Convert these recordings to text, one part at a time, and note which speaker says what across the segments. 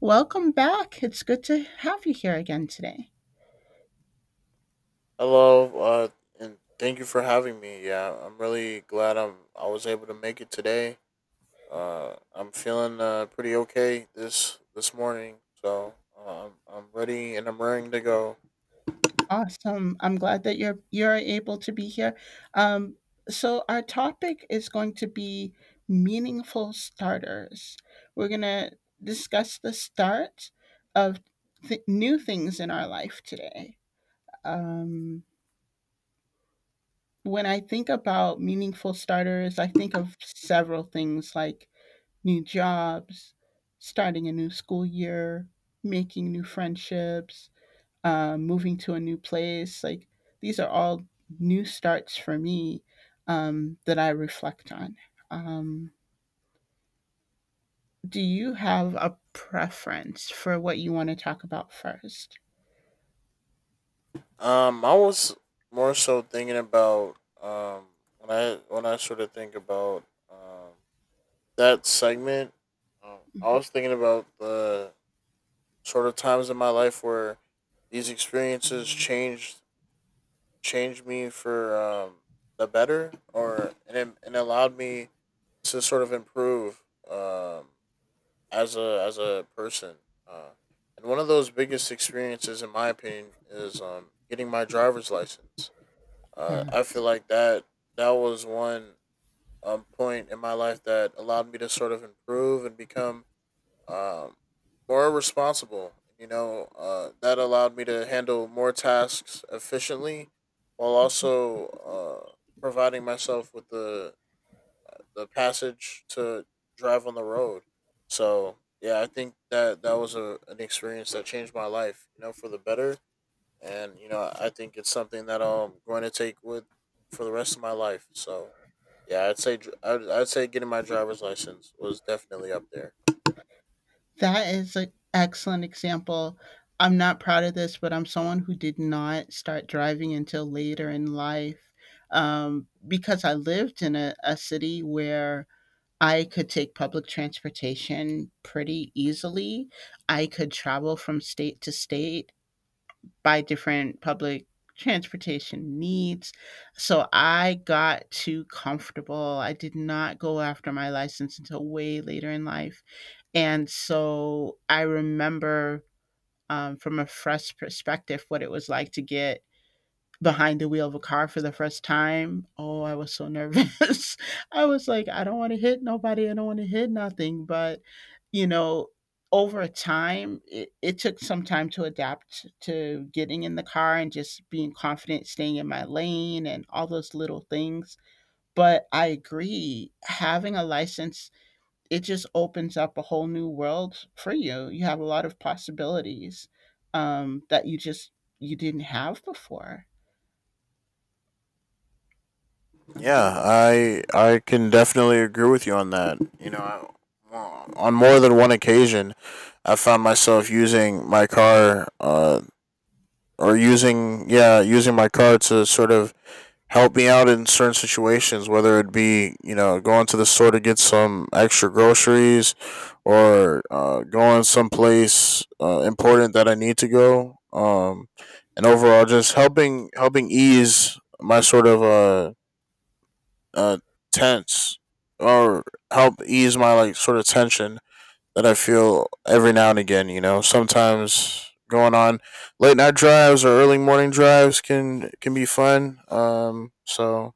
Speaker 1: Welcome back. It's good to have you here again today.
Speaker 2: Hello, and thank you for having me. Yeah, I'm really glad I was able to make it today. I'm feeling pretty okay this morning, so I'm ready and I'm ready to go.
Speaker 1: Awesome. I'm glad that you're able to be here. Um, so our topic is going to be meaningful starters. We're gonna discuss the start of new things in our life today. Um, when I think about meaningful starters, I think of several things like new jobs, starting a new school year, making new friendships, moving to a new place. Like these are all new starts for me, that I reflect on. Um, do you have a preference for what you want to talk about first?
Speaker 2: I was more so thinking about um when I sort of think about um that segment. I was thinking about the sort of times in my life where these experiences changed me for the better, and allowed me to sort of improve, um, as a person. Uh, and one of those biggest experiences, in my opinion, is getting my driver's license.
Speaker 1: Yeah,
Speaker 2: I feel like that was one point in my life that allowed me to sort of improve and become, um, more responsible. You know, that allowed me to handle more tasks efficiently while also providing myself with the passage to drive on the road. So yeah, I think that an experience that changed my life, you know, for the better. And you know, I think it's something that I'm going to take with for the rest of my life. So yeah, I'd say getting my driver's license was definitely up there.
Speaker 1: that is an excellent example. I'm not proud of this, but I'm someone who did not start driving until later in life, because I lived in a city where I could take public transportation pretty easily. I could travel from state to state by different public transportation needs. So I got too comfortable. I did not go after my license until way later in life. And so I remember, from a fresh perspective, what it was like to get behind the wheel of a car for the first time. Oh, I was so nervous. I was like, I don't want to hit nobody. I don't want to hit nothing. But, you know, over time, it took some time to adapt to getting in the car and just being confident, staying in my lane and all those little things. But I agree, having a license, it just opens up a whole new world for you. You have a lot of possibilities, that you just you didn't have before.
Speaker 2: Yeah,
Speaker 1: Mhm.
Speaker 2: I can definitely agree with you on that. Well, on more than one occasion, I found myself using my car, or using yeah, using my car to sort of help me out in certain situations, whether it be, you know, going to the store to get some extra groceries, or going someplace important that I need to go. And overall, just helping ease my sort of uh, tense or help ease my like sort of tension that I feel every now and again. You know, sometimes going on late night drives or early morning drives can be fun. So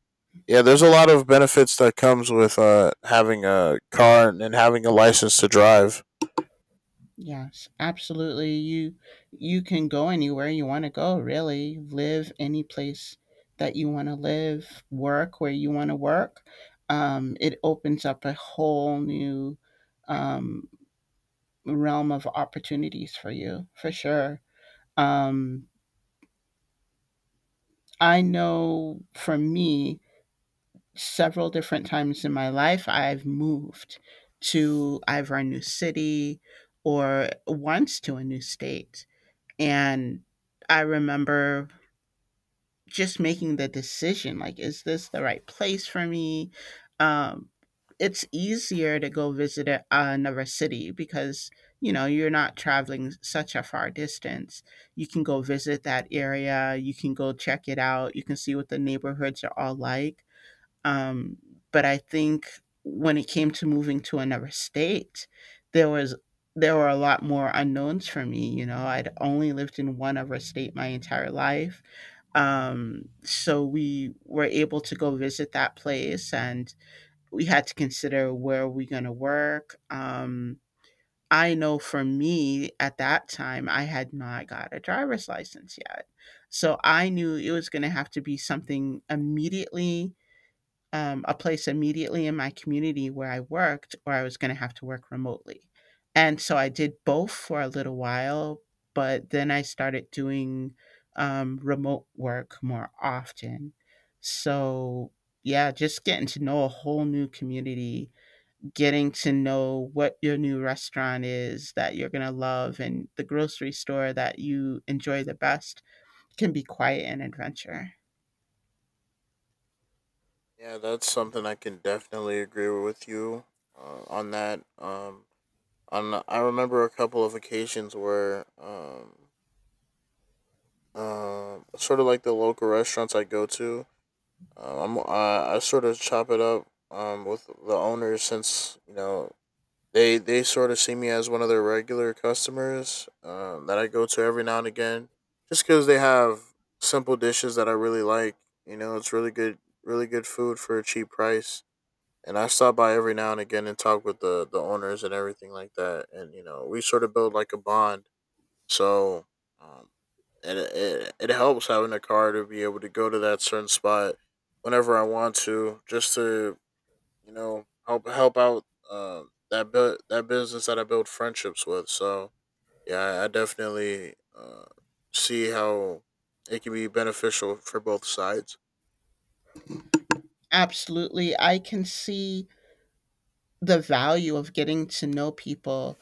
Speaker 2: yeah, there's a lot of benefits that comes with having a car and having a license to drive.
Speaker 1: Yes, absolutely. You can go anywhere you want to go, really. Live any place that you want to live, work where you want to work. It opens up a whole new, um, realm of opportunities for you, for sure. Um, I know for me, several different times in my life, I've moved to either a new city or once to a new state. And I remember just making the decision like, is this the right place for me? Um, it's easier to go visit another city because, you know, you're not traveling such a far distance. You can go visit that area, you can go check it out, you can see what the neighborhoods are all like. Um, but I think when it came to moving to another state, there was there were a lot more unknowns for me. You know, I'd only lived in one other state my entire life, so we were able to go visit that place, and we had to consider where we're going to work. I know for me at that time, I had not got a driver's license yet. So I knew it was going to have to be something immediately, a place immediately in my community where I worked, or I was going to have to work remotely. And so I did both for a little while, but then I started doing, remote work more often. So, yeah, just getting to know a whole new community, getting to know what your new restaurant is that you're going to love and the grocery store that you enjoy the best can be quite an adventure.
Speaker 2: Yeah, that's something I can definitely agree with you on that. On I remember a couple of occasions where sort of like the local restaurants I go to. I sort of chop it up with the owners, since you know they sort of see me as one of their regular customers, that I go to every now and again, just because they have simple dishes that I really like. You know, it's really good food for a cheap price. And I stop by every now and again and talk with the owners and everything like that. And you know, we sort of build like a bond. So, um, it helps having a car to be able to go to that certain spot whenever I want to, just to, you know, help out that that business that I build friendships with. So yeah, I definitely see how it can be beneficial for both sides.
Speaker 1: Absolutely. I can see the value of getting to know people,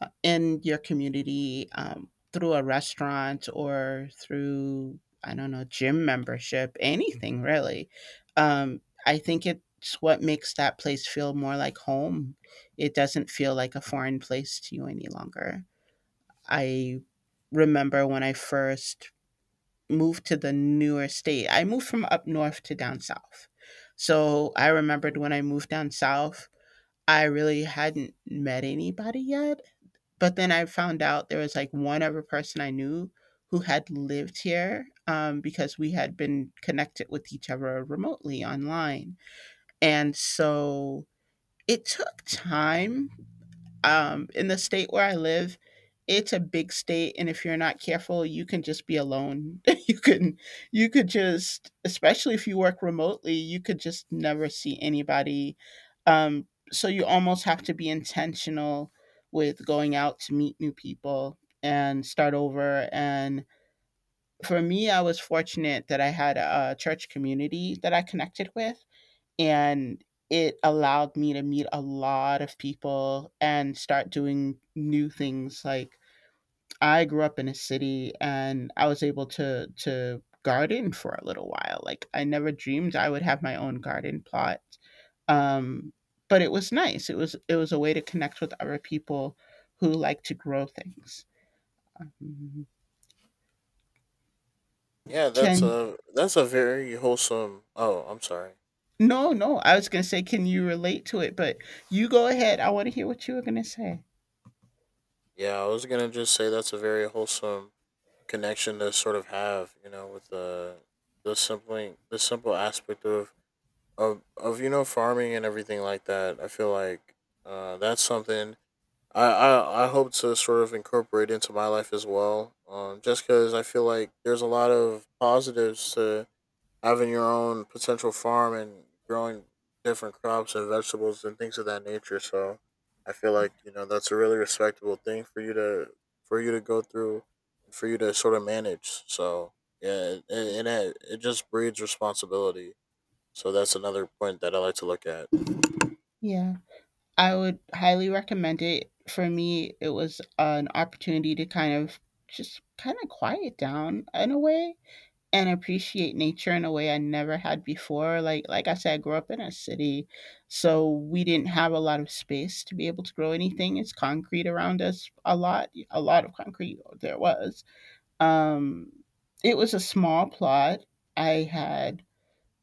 Speaker 1: in your community, through a restaurant or through, I don't know, gym membership, anything really. I think it's what makes that place feel more like home. It doesn't feel like a foreign place to you any longer. I remember when I first moved to the newer state. I moved from up north to down south. So I remembered when I moved down south, I really hadn't met anybody yet, but then I found out there was, like, one other person I knew who had lived here, because we had been connected with each other remotely online, and so it took time, in the state where I live, it's a big state, and if you're not careful, you can just be alone. You can, you could just, especially if you work remotely, you could just never see anybody. So you almost have to be intentional with going out to meet new people and start over. And for me, I was fortunate that I had a church community that I connected with, and it allowed me to meet a lot of people and start doing new things. Like, I grew up in a city and I was able to garden for a little while. Like, I never dreamed I would have my own garden plot, um, but it was nice. It was, it was a way to connect with other people who like to grow things. Mhm.
Speaker 2: Yeah,
Speaker 1: Can,
Speaker 2: that's a very wholesome. Oh, I'm sorry.
Speaker 1: no, no, I was going to say, can you relate to it? But you go ahead, I want to hear what you were going to say.
Speaker 2: Yeah, I was gonna just say that's a very wholesome connection to sort of have, you know, with the simple aspect of you know farming and everything like that. I feel like that's something I hope to sort of incorporate into my life as well. Just because I feel like there's a lot of positives to having your own potential farm and growing different crops and vegetables and things of that nature. So I feel like, you know, that's a really respectable thing for you to go through and for you to sort of manage. So yeah, it just breeds responsibility. So that's another point that I like to look at.
Speaker 1: Yeah, I would highly recommend it. For me, it was an opportunity to kind of just kind of quiet down in a way and appreciate nature in a way I never had before. Like I said, I grew up in a city, so we didn't have a lot of space to be able to grow anything. It's concrete around us a lot of concrete there was. Um, it was a small plot. I had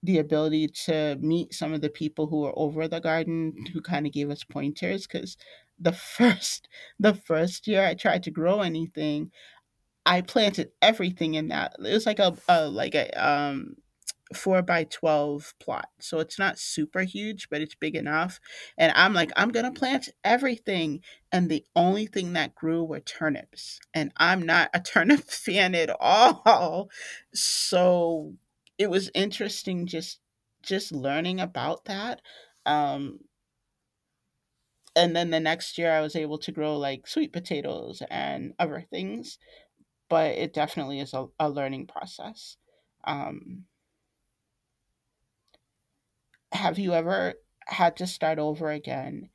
Speaker 1: the ability to meet some of the people who were over the garden who kind of gave us pointers because the first the first year I tried to grow anything, I planted everything in that. It was like a, like a four by 12 plot. So it's not super huge, but it's big enough. And I'm like, I'm going to plant everything. And the only thing that grew were turnips. And I'm not a turnip fan at all. So it was interesting, just learning about that. Um, and then the next year I was able to grow like sweet potatoes and other things, but it definitely is a learning process. Um, have you ever had to start over again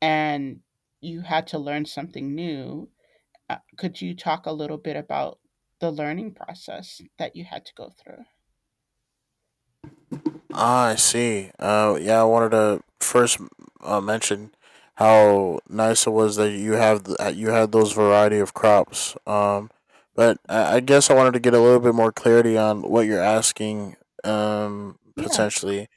Speaker 1: and you had to learn something new? Could you talk a little bit about the learning process that you had to go through?
Speaker 2: Ah, I see. Yeah, I wanted to first mention how nice it was that that you had those variety of crops. But I guess I wanted to get a little bit more clarity on what you're asking. Um,
Speaker 1: Yeah.
Speaker 2: potentially,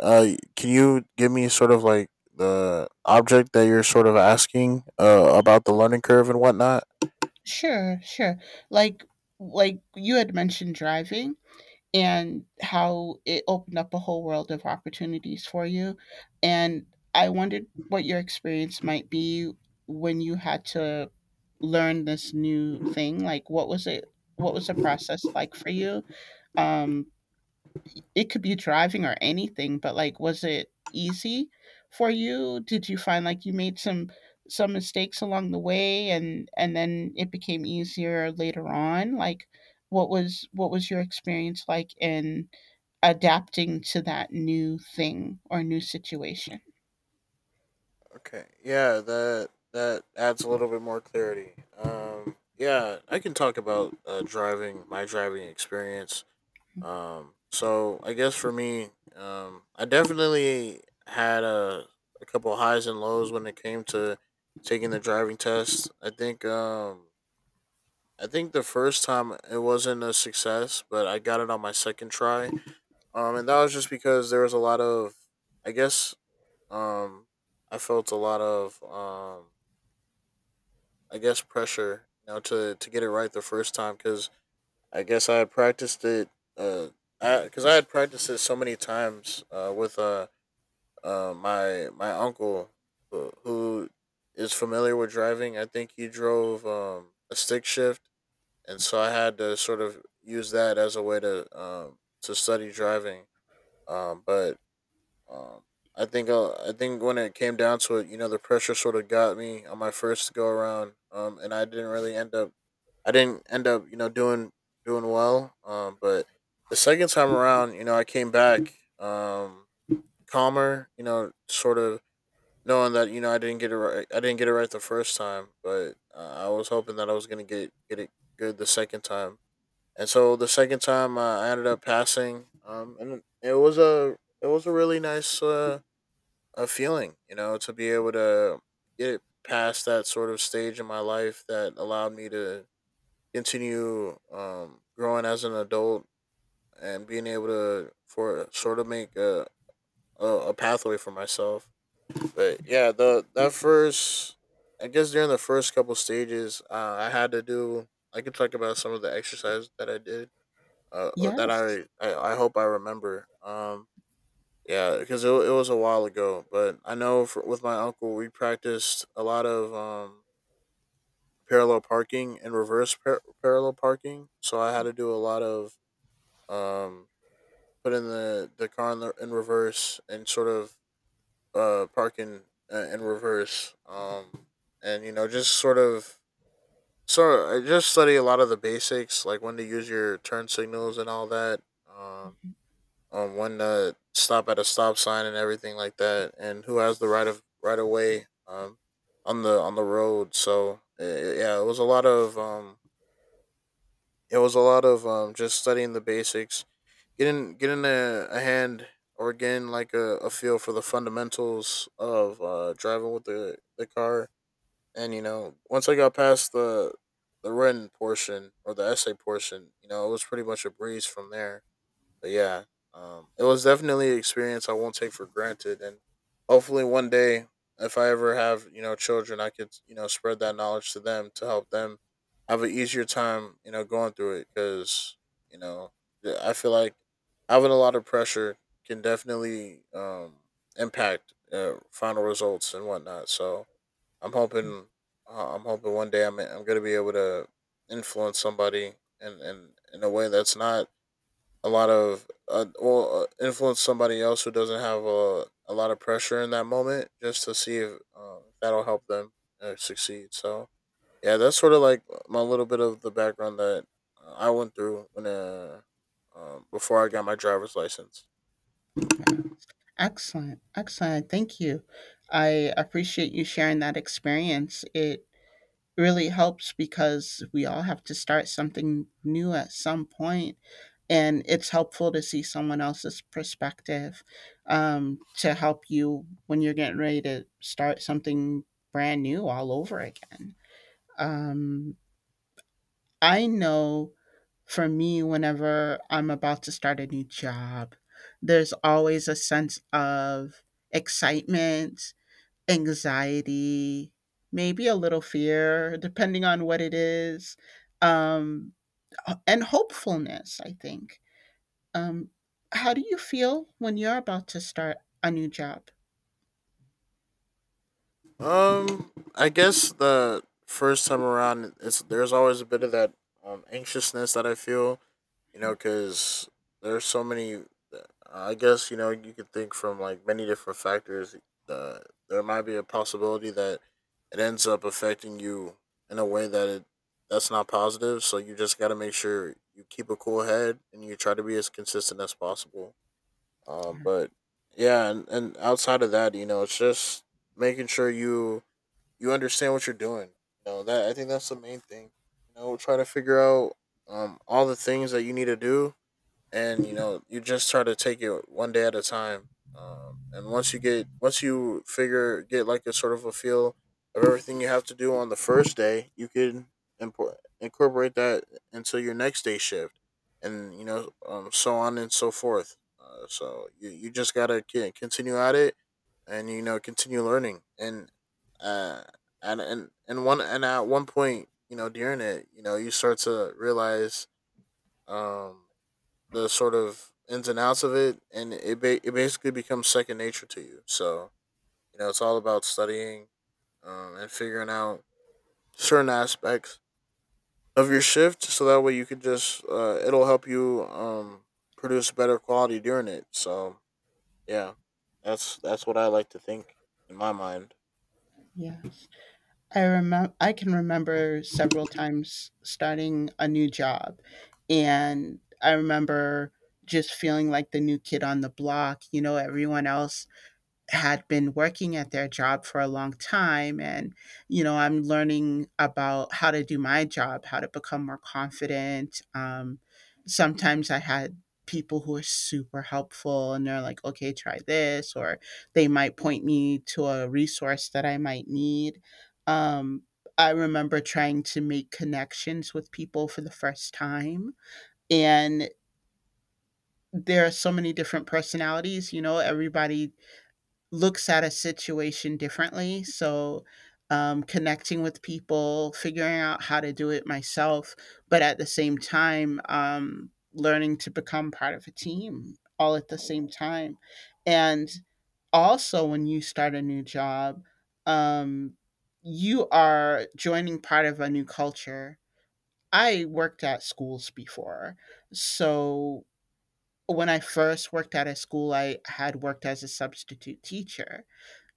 Speaker 2: uh, can you give me sort of like the object that you're sort of asking about the learning curve and whatnot?
Speaker 1: Sure, sure. Like, you had mentioned driving, and how it opened up a whole world of opportunities for you. And I wondered what your experience might be when you had to learn this new thing. Like, what was it? What was the process like for you? Um, it could be driving or anything, but like, was it easy for you? Did you find like you made some mistakes along the way, and then it became easier later on? Like, what was your experience like in adapting to that new thing or new situation.
Speaker 2: Okay. Yeah, that adds a little bit more clarity. Yeah, I can talk about driving, my driving experience. So I guess for me, I definitely had a couple highs and lows when it came to taking the driving test. I think the first time it wasn't a success, but I got it on my second try. And that was just because there was a lot of, I guess um I felt a lot of, I guess, pressure, you know, to get it right the first time because I guess I had practiced it, uh, because I had practiced it so many times, with my uncle who, is familiar with driving. I think he drove a stick shift, and so I had to sort of use that as a way to study driving. But um, I think when it came down to it, you know, the pressure sort of got me on my first go around, and I didn't really end up, I didn't end up, you know, doing well. But the second time around, you know, I came back um, calmer, you know, sort of knowing that, you know, I didn't get it right the first time, but I was hoping that I was gonna get it good the second time. And so the second time, I ended up passing, and it was a, really nice. A feeling, you know, to be able to get past that sort of stage in my life that allowed me to continue, growing as an adult and being able to for sort of make a pathway for myself. But yeah, the that first, I guess during the first couple stages, I had to do. I could talk about some of the exercise that I did, uh, or that
Speaker 1: Yes.
Speaker 2: I, I I hope I remember. Yeah, because it was a while ago, but I know with my uncle we practiced a lot of, parallel parking and parallel parking. So I had to do a lot of, um, putting the car in, in reverse and sort of parking in reverse, and you know just sort of, so I just study a lot of the basics, like when to use your turn signals and all that. Um, when to stop at a stop sign and everything like that, and who has the right of way on the road. So yeah, it was a lot of, just studying the basics, getting a hand or getting like a feel for the fundamentals of driving with the car. And you know, once I got past the written portion or the essay portion, you know, it was pretty much a breeze from there. But yeah, it was definitely an experience I won't take for granted, and hopefully one day, if I ever have, you know, children, I could, you know, spread that knowledge to them to help them have an easier time, you know, going through it because, you know I feel like having a lot of pressure can definitely, impact final results and whatnot. So I'm hoping, I'm hoping one day I'm gonna be able to influence somebody in a way that's not a lot of influence somebody else who doesn't have a lot of pressure in that moment just to see if that'll help them succeed. So yeah, that's sort of like my little bit of the background that I went through when, before I got my driver's license.
Speaker 1: Yeah. Excellent. Excellent. Thank you. I appreciate you sharing that experience. It really helps because we all have to start something new at some point, and it's helpful to see someone else's perspective, to help you when you're getting ready to start something brand new all over again. Um, I know. For me, whenever I'm about to start a new job, there's always a sense of excitement, anxiety, maybe a little fear, depending on what it is, um, and hopefulness, I think. Um, how do you feel when you're about to start a new job?
Speaker 2: I guess the first time around, it's there's always a bit of that, anxiousness that I feel, you know, because there's so many. I guess, you know, you could think from like many different factors. Uh, there might be a possibility that it ends up affecting you in a way that it that's not positive. So you just got to make sure you keep a cool head and you try to be as consistent as possible. Um,
Speaker 1: Yeah.
Speaker 2: but yeah, and outside of that, you know, it's just making sure you understand what you're doing. You know that I think that's the main thing. You know, try to figure out all the things that you need to do, and you know you just try to take it one day at a time. And once you get once you figure get like a sort of a feel of everything you have to do on the first day, you can import incorporate that into your next day shift. And you know, so on and so forth. So you just gotta continue at it and you know, continue learning. And uh and and, and one and at one point, you know, during it, you know, you start to realize um the sort of ins and outs of it, and it it basically becomes second nature to you. So you know, it's all about studying, and figuring out certain aspects of your shift, so that way you can just it'll help you produce better quality during it. So yeah, that's what I like to think in my mind.
Speaker 1: Yeah. I remember, I can remember several times starting a new job, and I remember just feeling like the new kid on the block. You know, everyone else had been working at their job for a long time, and you know, I'm learning about how to do my job, how to become more confident, sometimes I had people who are super helpful and they're like, okay, try this, or they might point me to a resource that I might need, um, I remember trying to make connections with people for the first time, and there are so many different personalities. You know, everybody looks at a situation differently. So, connecting with people, figuring out how to do it myself, but at the same time, learning to become part of a team all at the same time. And also, when you start a new job, um, you are joining part of a new culture. I worked at schools before. So, when I first worked at a school, I had worked as a substitute teacher,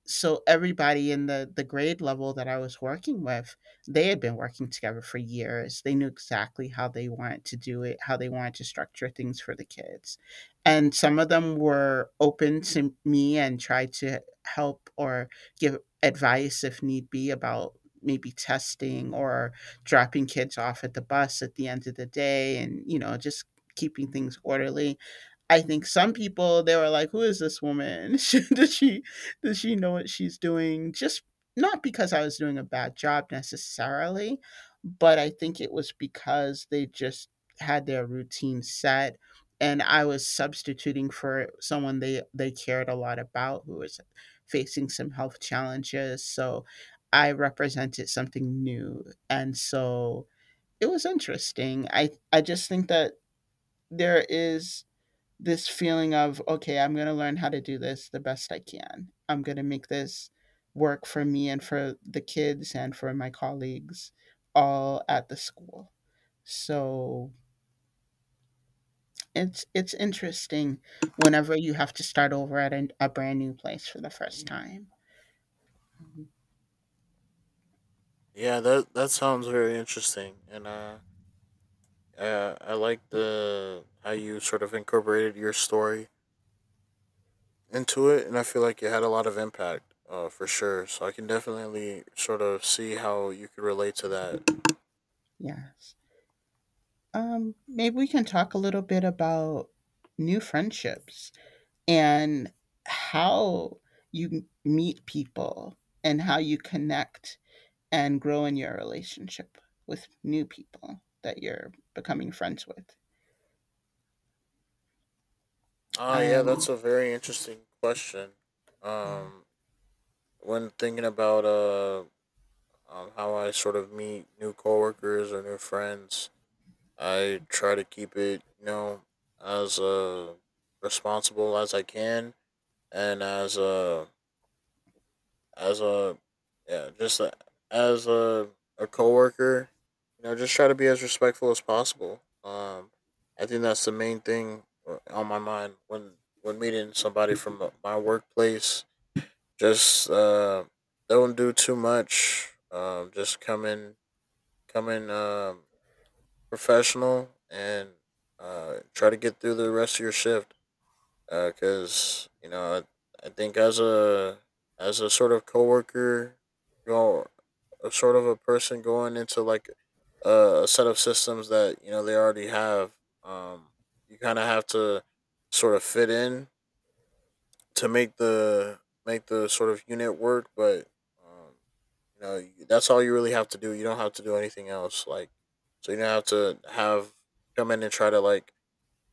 Speaker 1: so everybody in the grade level that I was working with, they had been working together for years. They knew exactly how they wanted to do it, how they wanted to structure things for the kids. And some of them were open to me and tried to help or give advice if need be about maybe testing or dropping kids off at the bus at the end of the day and just keeping things orderly. I think some people they were like, "Who is this woman? Should- she Does she know what she's doing?" Just not because I was doing a bad job necessarily, but I think it was because they just had their routine set, and I was substituting for someone they cared a lot about who was facing some health challenges. So I represented something new. And so it was interesting. I just think that there is this feeling of, okay, I'm going to learn how to do this the best I can. I'm going to make this work for me and for the kids and for my colleagues all at the school. So it's interesting whenever you have to start over at a brand new place for the first time.
Speaker 2: Yeah, that that sounds very interesting, and I like the how you sort of incorporated your story into it, and I feel like it had a lot of impact, for sure. So I can definitely sort of see how you could relate to that.
Speaker 1: Yes. Maybe we can talk a little bit about new friendships and how you meet people and how you connect and grow in your relationship with new people that you're becoming friends with.
Speaker 2: Ah,
Speaker 1: I
Speaker 2: yeah, that's
Speaker 1: am,
Speaker 2: a very interesting question.
Speaker 1: yeah,
Speaker 2: Um, when thinking about how I sort of meet new coworkers or new friends, I try to keep it, you know, as responsible as I can, and as a yeah, just as a coworker, you know, just try to be as respectful as possible. I think that's the main thing on my mind when meeting somebody from my workplace. Just don't do too much. Just come in, come in um, professional and try to get through the rest of your shift, because you know I think as a sort of coworker, you know, a sort of a person going into like a set of systems that you know they already have. Um, you kind of have to sort of fit in to make the sort of unit work, but um, you know that's all you really have to do. You don't have to do anything else. Like so, you don't have to have come in and try to like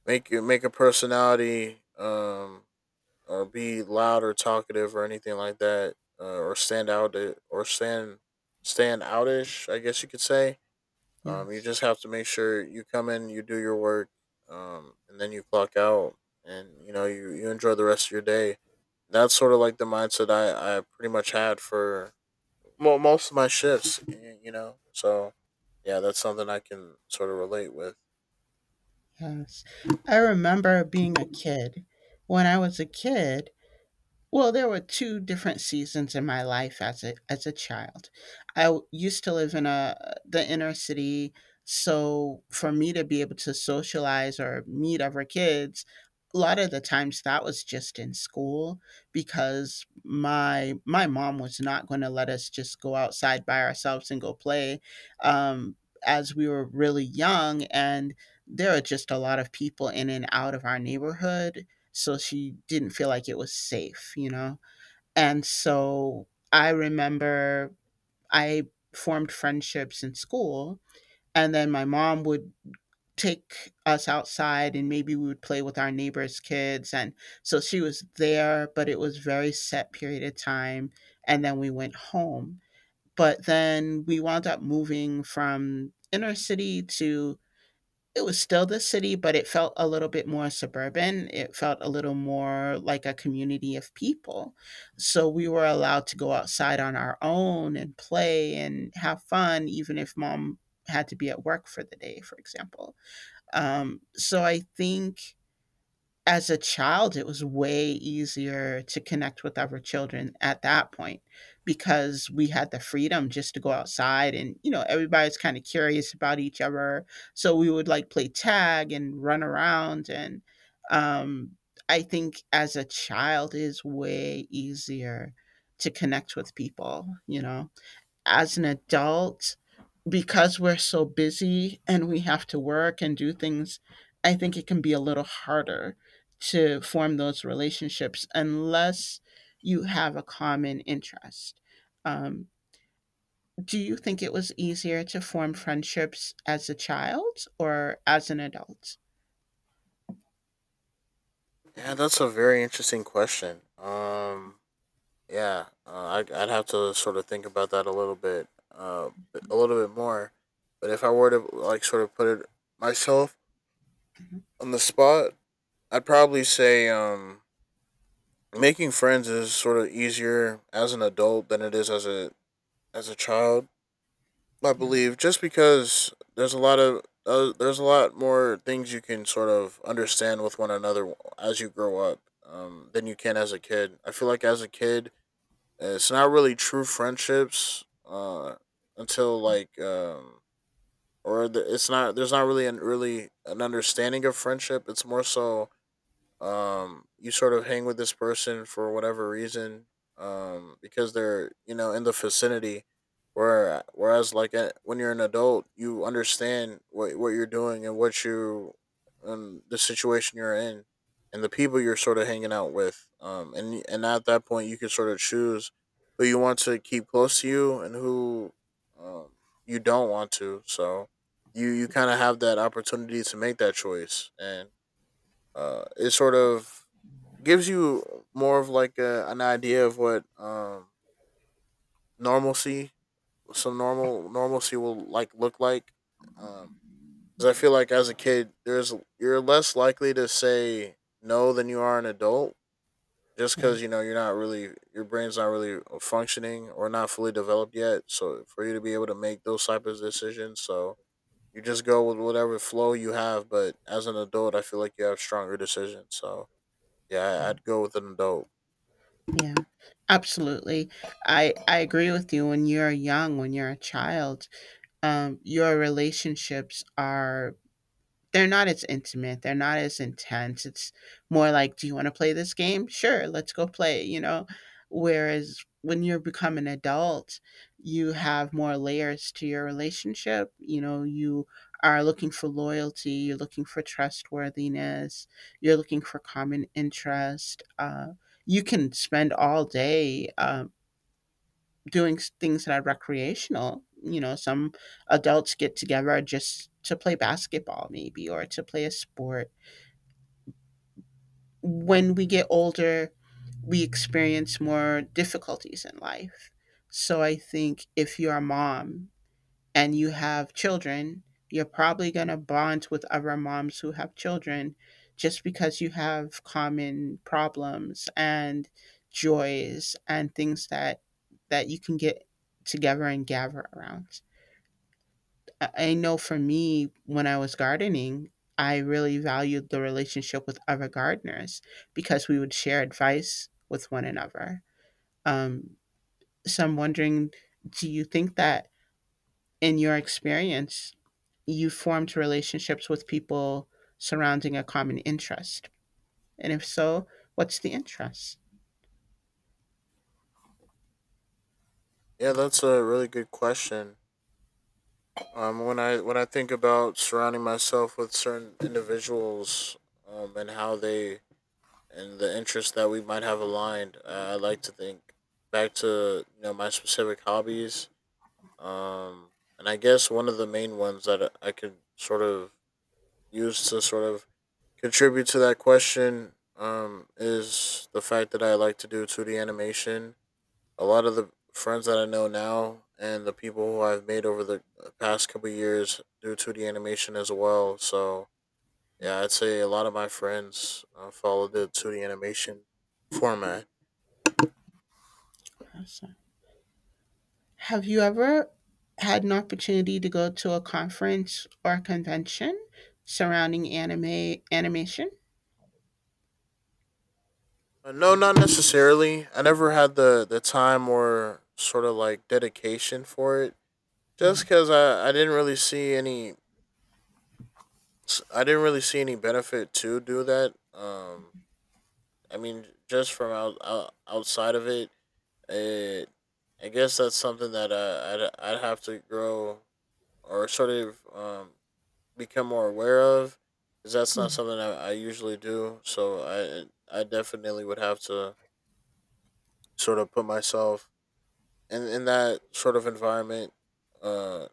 Speaker 2: make a personality. Be loud or talkative or anything like that, or stand out or stand outish, I guess you could say. You
Speaker 1: yes,
Speaker 2: just have to make sure you come in, you do your work, and then you clock out, and you know you you enjoy the rest of your day. That's sort of like the mindset I pretty much had for well, most of my shifts. You know, so yeah, that's something I can sort of relate with.
Speaker 1: yes. I remember being a kid. When I was a kid, well, there were two different seasons in my life as a child. Used to live in a the inner city, so for me to be able to socialize or meet other kids, a lot of the times that was just in school because my mom was not going to let us just go outside by ourselves and go play, um, as we were really young, and there are just a lot of people in and out of our neighborhood, so she didn't feel like it was safe, you know? And so I remember I formed friendships in school, and then my mom would take us outside and maybe we would play with our neighbors' kids. And so she was there, but it was very set period of time. And then we went home. But then we wound up moving from inner city to — it was still the city, but it felt a little bit more suburban. It felt a little more like a community of people. So we were allowed to go outside on our own and play and have fun, even if mom had to be at work for the day, for example. So I think as a child, it was way easier to connect with other children at that point because we had the freedom just to go outside and, you know, everybody's kind of curious about each other. So we would like play tag and run around. And um, I think as a child, it is way easier to connect with people, you know. As an adult, because we're so busy and we have to work and do things, I think it can be a little harder to form those relationships unless you have a common interest. Um, do you think it was easier to form friendships as a child or as an adult?
Speaker 2: Yeah, that's a very interesting question. Yeah, I, I'd have to sort of think about that a little bit, a little bit more. But if I were to like sort of put it myself on the spot, I'd probably say making friends is sort of easier as an adult than it is as a child. I
Speaker 1: Yeah,
Speaker 2: believe, just because there's a lot of there's a lot more things you can sort of understand with one another as you grow up, than you can as a kid. I feel like as a kid, it's not really true friendships until like, or the, it's not. There's not really an really an understanding of friendship. It's more so, you sort of hang with this person for whatever reason, because they're, you know, in the vicinity. Whereas like when you're an adult, you understand what you're doing and what you the situation you're in and the people you're sort of hanging out with. And at that point you can sort of choose who you want to keep close to you and who um you don't want to. So you kind of have that opportunity to make that choice, and it sort of gives you more of like a, an idea of what normalcy some normal normalcy will like look like. Um, Cause I feel like as a kid there's you're less likely to say no than you are an adult, just
Speaker 1: yeah,
Speaker 2: because you know you're not really your brain's not really functioning or not fully developed yet, so for you to be able to make those type of decisions. So you just go with whatever flow you have, but as an adult I feel like you have stronger decisions. So yeah,
Speaker 1: yeah,
Speaker 2: I'd go with an adult.
Speaker 1: yeah. Absolutely. I agree with you. When you're young, when you're a child, your relationships are — they're not as intimate, they're not as intense. It's more like, "Do you want to play this game?" "Sure, let's go play," you know. Whereas when you become an adult, you have more layers to your relationship. You know, you are looking for loyalty, you're looking for trustworthiness, you're looking for common interest. You can spend all day doing things that are recreational. You know, some adults get together just to play basketball, maybe, or to play a sport. When we get older, we experience more difficulties in life. So I think if you're a mom and you have children, you're probably going to bond with other moms who have children just because you have common problems and joys and things that that you can get together and gather around. I know for me, when I was gardening, I really valued the relationship with other gardeners because we would share advice with one another. Um, so I'm wondering, do you think that in your experience, you formed relationships with people surrounding a common interest? And if so, what's the interest?
Speaker 2: Yeah, that's a really good question. When I when I think about surrounding myself with certain individuals, and how they and the interests that we might have aligned, I like to think back to, you know, my specific hobbies. Um, and I guess one of the main ones that I could sort of use to sort of contribute to that question, is the fact that I like to do two D animation. A lot of the friends that I know now and the people who I've made over the past couple years due to the animation as well. So yeah, I'd say a lot of my friends follow the 2D animation format.
Speaker 1: Awesome. Have you ever had an opportunity to go to a conference or a convention surrounding anime animation?
Speaker 2: No, not necessarily. I never had the time or sort of like dedication for it.
Speaker 1: Yeah.
Speaker 2: Just because I didn't really see any I didn't really see any benefit to do that. I mean, just from outside of it, It, I guess that's something that I'd have to grow or sort of become more aware of, because that's not
Speaker 1: Yeah,
Speaker 2: something I usually do. So I definitely would have to sort of put myself in that sort of environment, uh,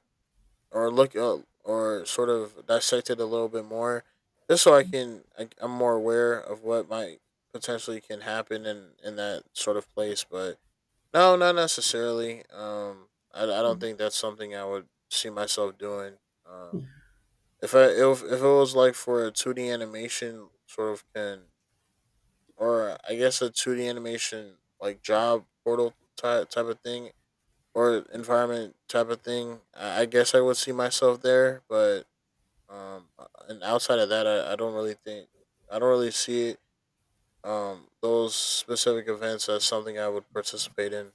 Speaker 2: or look up or sort of dissect it a little bit more, just so I can I, I'm more aware of what might potentially can happen in that sort of place. But no, not necessarily. I
Speaker 1: yeah,
Speaker 2: don't think that's something I would see myself doing. Um,
Speaker 1: yeah,
Speaker 2: if I if it was like for a two D animation sort of can, or I guess a two D animation like job portal type type of thing or environment type of thing, I guess I would see myself there. But and outside of that, I don't really think I don't really see it. Those specific events as something I would participate in.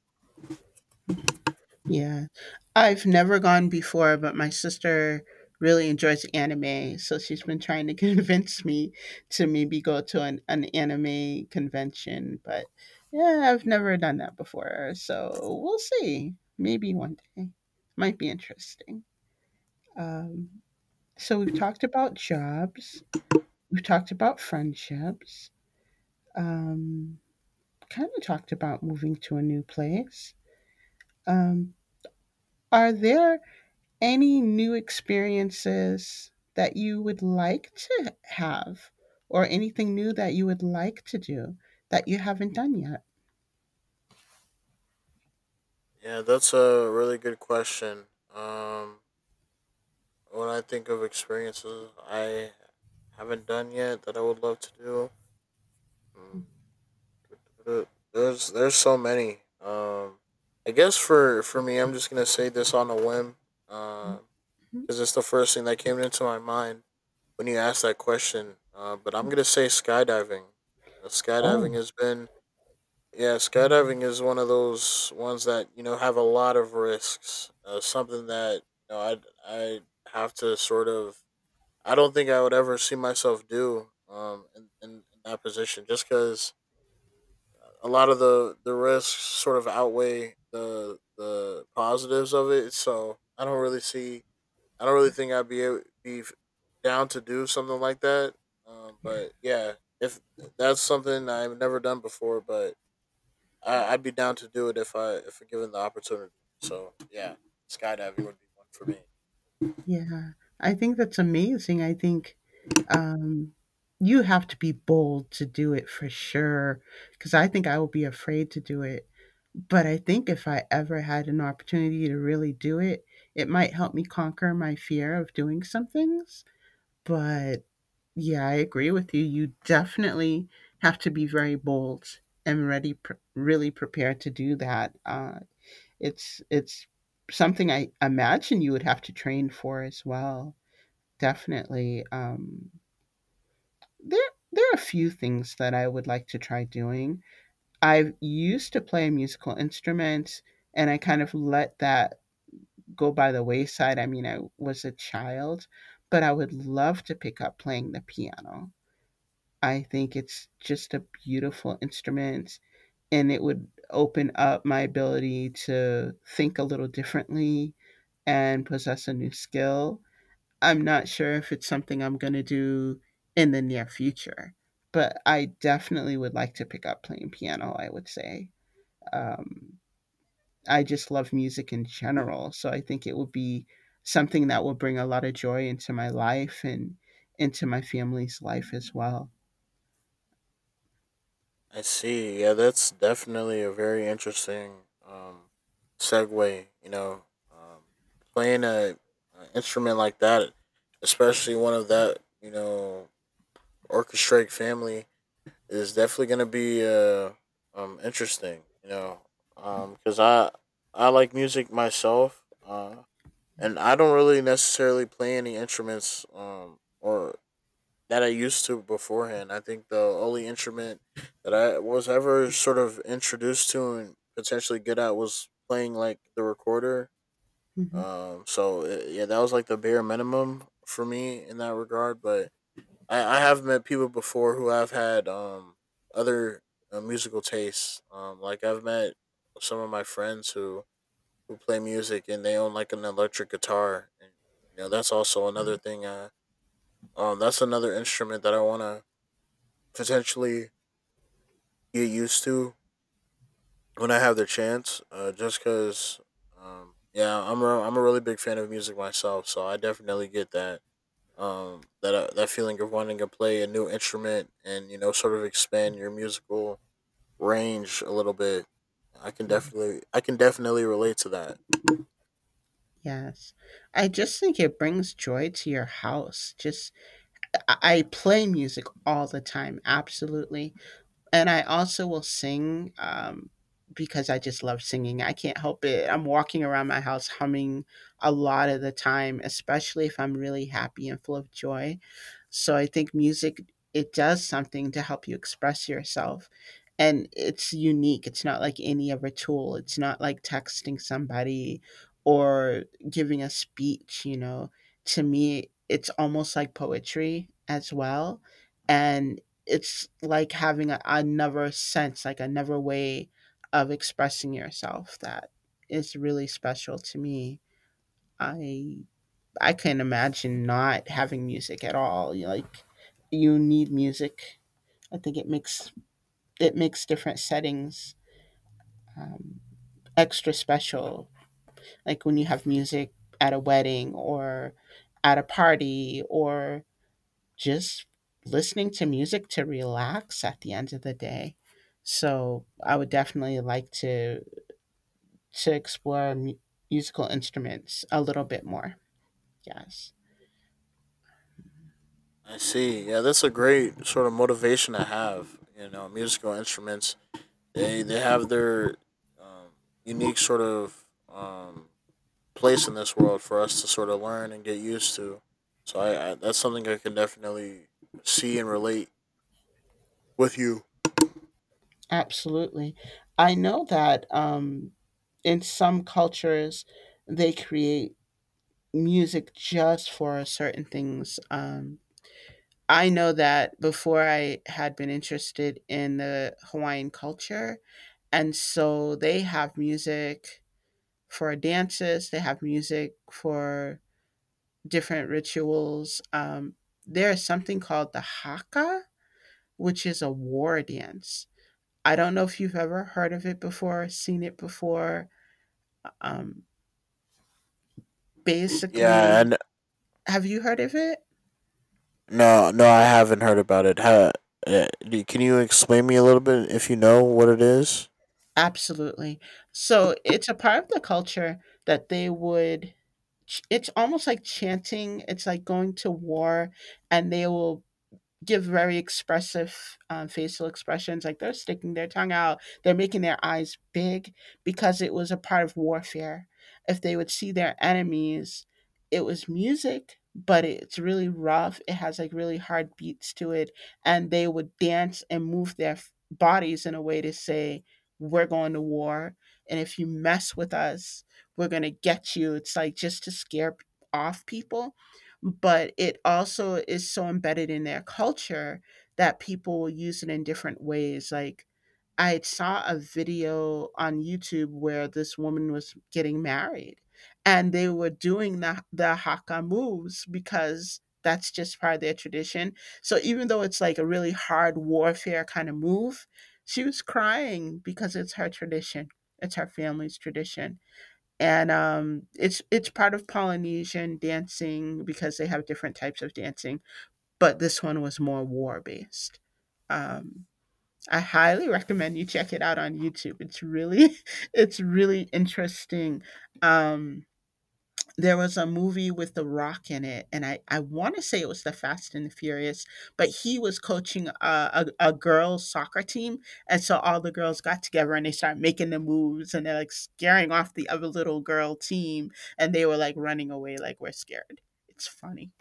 Speaker 1: yeah. I've never gone before, but my sister really enjoys anime, so she's been trying to convince me to maybe go to an anime convention. But yeah, I've never done that before, so we'll see. Maybe one day. Might be interesting. Um, so we've talked about jobs. We've talked about friendships. Um, Kind of talked about moving to a new place. Um, are there any new experiences that you would like to have or anything new that you would like to do that you haven't done yet?
Speaker 2: Yeah, that's a really good question. Um, when I think of experiences I haven't done yet that I would love to do, mm, there's so many. I guess for me, I'm just gonna say this on a whim, because
Speaker 1: Mhm.
Speaker 2: it's the first thing that came into my mind when you asked that question. But I'm gonna say skydiving.
Speaker 1: Oh,
Speaker 2: Skydiving has been Yeah, skydiving is one of those ones that you know have a lot of risks. Something that you know I have to sort of I don't think I would ever see myself do in that position, just because a lot of the risks sort of outweigh the positives of it. So I don't really see I don't really think I'd be be down to do something like that.
Speaker 1: yeah.
Speaker 2: But yeah, if that's something I've never done before, but I, I'd be down to do it if I if given the opportunity. So yeah, skydiving would be one for me.
Speaker 1: Yeah. I think that's amazing. I think, um, you have to be bold to do it for sure. Because I think I would be afraid to do it. But I think if I ever had an opportunity to really do it, it might help me conquer my fear of doing some things. But yeah, I agree with you. You definitely have to be very bold and ready, really prepared to do that. It's something I imagine you would have to train for as well. Definitely. There there are a few things that I would like to try doing. I used to play a musical instrument, and I kind of let that go by the wayside. I mean, I was a child, but I would love to pick up playing the piano. I think it's just a beautiful instrument, and it would open up my ability to think a little differently and possess a new skill. I'm not sure if it's something I'm going to do in the near future, but I definitely would like to pick up playing piano, I would say. Um, I just love music in general, so I think it would be something that will bring a lot of joy into my life and into my family's life as well.
Speaker 2: I see. Yeah, that's definitely a very interesting um, segue. You know, um, playing a instrument like that, especially one of that you know orchestrate family, is definitely going to be interesting. You know, because I like music myself. And I don't really necessarily play any instruments or that I used to beforehand. I think the only instrument that I was ever sort of introduced to and potentially good at was playing like the recorder.
Speaker 1: Hmm.
Speaker 2: So yeah, that was like the bare minimum for me in that regard. But I have met people before who have had other musical tastes. Like I've met some of my friends who play music and they own like an electric guitar, and you know that's also another thing that's another instrument that I want to potentially get used to when I have the chance, just because yeah I'm I'm a really big fan of music myself, so I definitely get that that feeling of wanting to play a new instrument and you know sort of expand your musical range a little bit.
Speaker 1: Yeah.
Speaker 2: I can definitely relate to that.
Speaker 1: Yes. I just think it brings joy to your house. Just I play music all the time, absolutely. And I also will sing, because I just love singing. I can't help it. I'm walking around my house humming a lot of the time, especially if I'm really happy and full of joy. So I think music, it does something to help you express yourself. And it's unique. It's not like any other tool. It's not like texting somebody or giving a speech, you know. To me, it's almost like poetry as well. And it's like having a, another sense, like another way of expressing yourself that is really special to me. I I can not imagine not having music at all. You like you need music. I think it makes different settings um, extra special. Like when you have music at a wedding or at a party or just listening to music to relax at the end of the day. So I would definitely like to explore musical instruments a little bit more. Yes,
Speaker 2: I see. Yeah, that's a great sort of motivation to have. You know, musical instruments they have their um, unique sort of place in this world for us to sort of learn and get used to. So I that's something I can definitely see and relate with you.
Speaker 1: absolutely. I know that in some cultures they create music just for certain things. I know that before I had been interested in the Hawaiian culture, and so they have music for dances, they have music for different rituals. There is something called the haka, which is a war dance. I don't know if you've ever heard of it before, seen it before. Um,
Speaker 2: Yeah,
Speaker 1: Basically,
Speaker 2: and
Speaker 1: have you heard of it?
Speaker 2: no, no, I haven't heard about it. Can you explain me a little bit if you know what it is?
Speaker 1: Absolutely. So it's a part of the culture that they would, it's almost like chanting, it's like going to war, and they will give very expressive facial expressions, like they're sticking their tongue out, they're making their eyes big, because it was a part of warfare. If they would see their enemies, it was music, but it's really rough, it has like really hard beats to it. And they would dance and move their bodies in a way to say, "We're going to war, and if you mess with us, we're going to get you." It's like just to scare off people. But it also is so embedded in their culture that people use it in different ways. Like, I saw a video on YouTube where this woman was getting married, and they were doing the haka moves because that's just part of their tradition. So, even though it's like a really hard warfare kind of move, she was crying because it's her tradition, it's her family's tradition. And it's part of Polynesian dancing, because they have different types of dancing, but this one was more war based. Um, I highly recommend you check it out on YouTube. It's really it's really interesting. Um, there was a movie with The Rock in it, and I wanna say it was the Fast and the Furious, but he was coaching a girls' soccer team, and so all the girls got together and they started making the moves, and they're, like, scaring off the other little girl team, and they were, like, running away like, "We're scared." It's funny.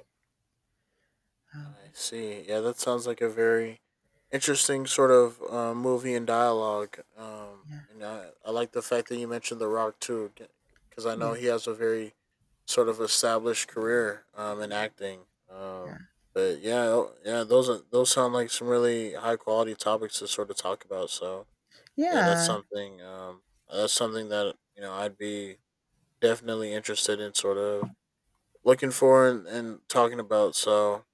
Speaker 2: I
Speaker 1: Um,
Speaker 2: see. Yeah, that sounds like a very interesting sort of movie and dialogue.
Speaker 1: yeah,
Speaker 2: And I like the fact that you mentioned The Rock too, because I
Speaker 1: yeah,
Speaker 2: know he has a very sort of established career in acting.
Speaker 1: yeah.
Speaker 2: Um, but yeah, oh, yeah, those are those sound like some really high quality topics to sort of talk about. So yeah, that's
Speaker 1: Yeah,
Speaker 2: something. That's something that you know I'd be definitely interested in sort of looking for and talking about. So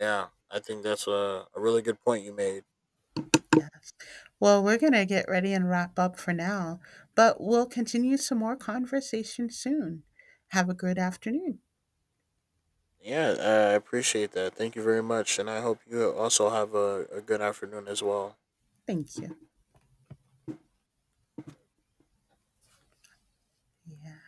Speaker 2: yeah, I think that's a really good point you made.
Speaker 1: yes. Well, we're gonna get ready and wrap up for now, but we'll continue some more conversation soon. Have a good afternoon.
Speaker 2: Yeah, I appreciate that. Thank you very much. And I hope you also have a good afternoon as well.
Speaker 1: Thank you. Yeah.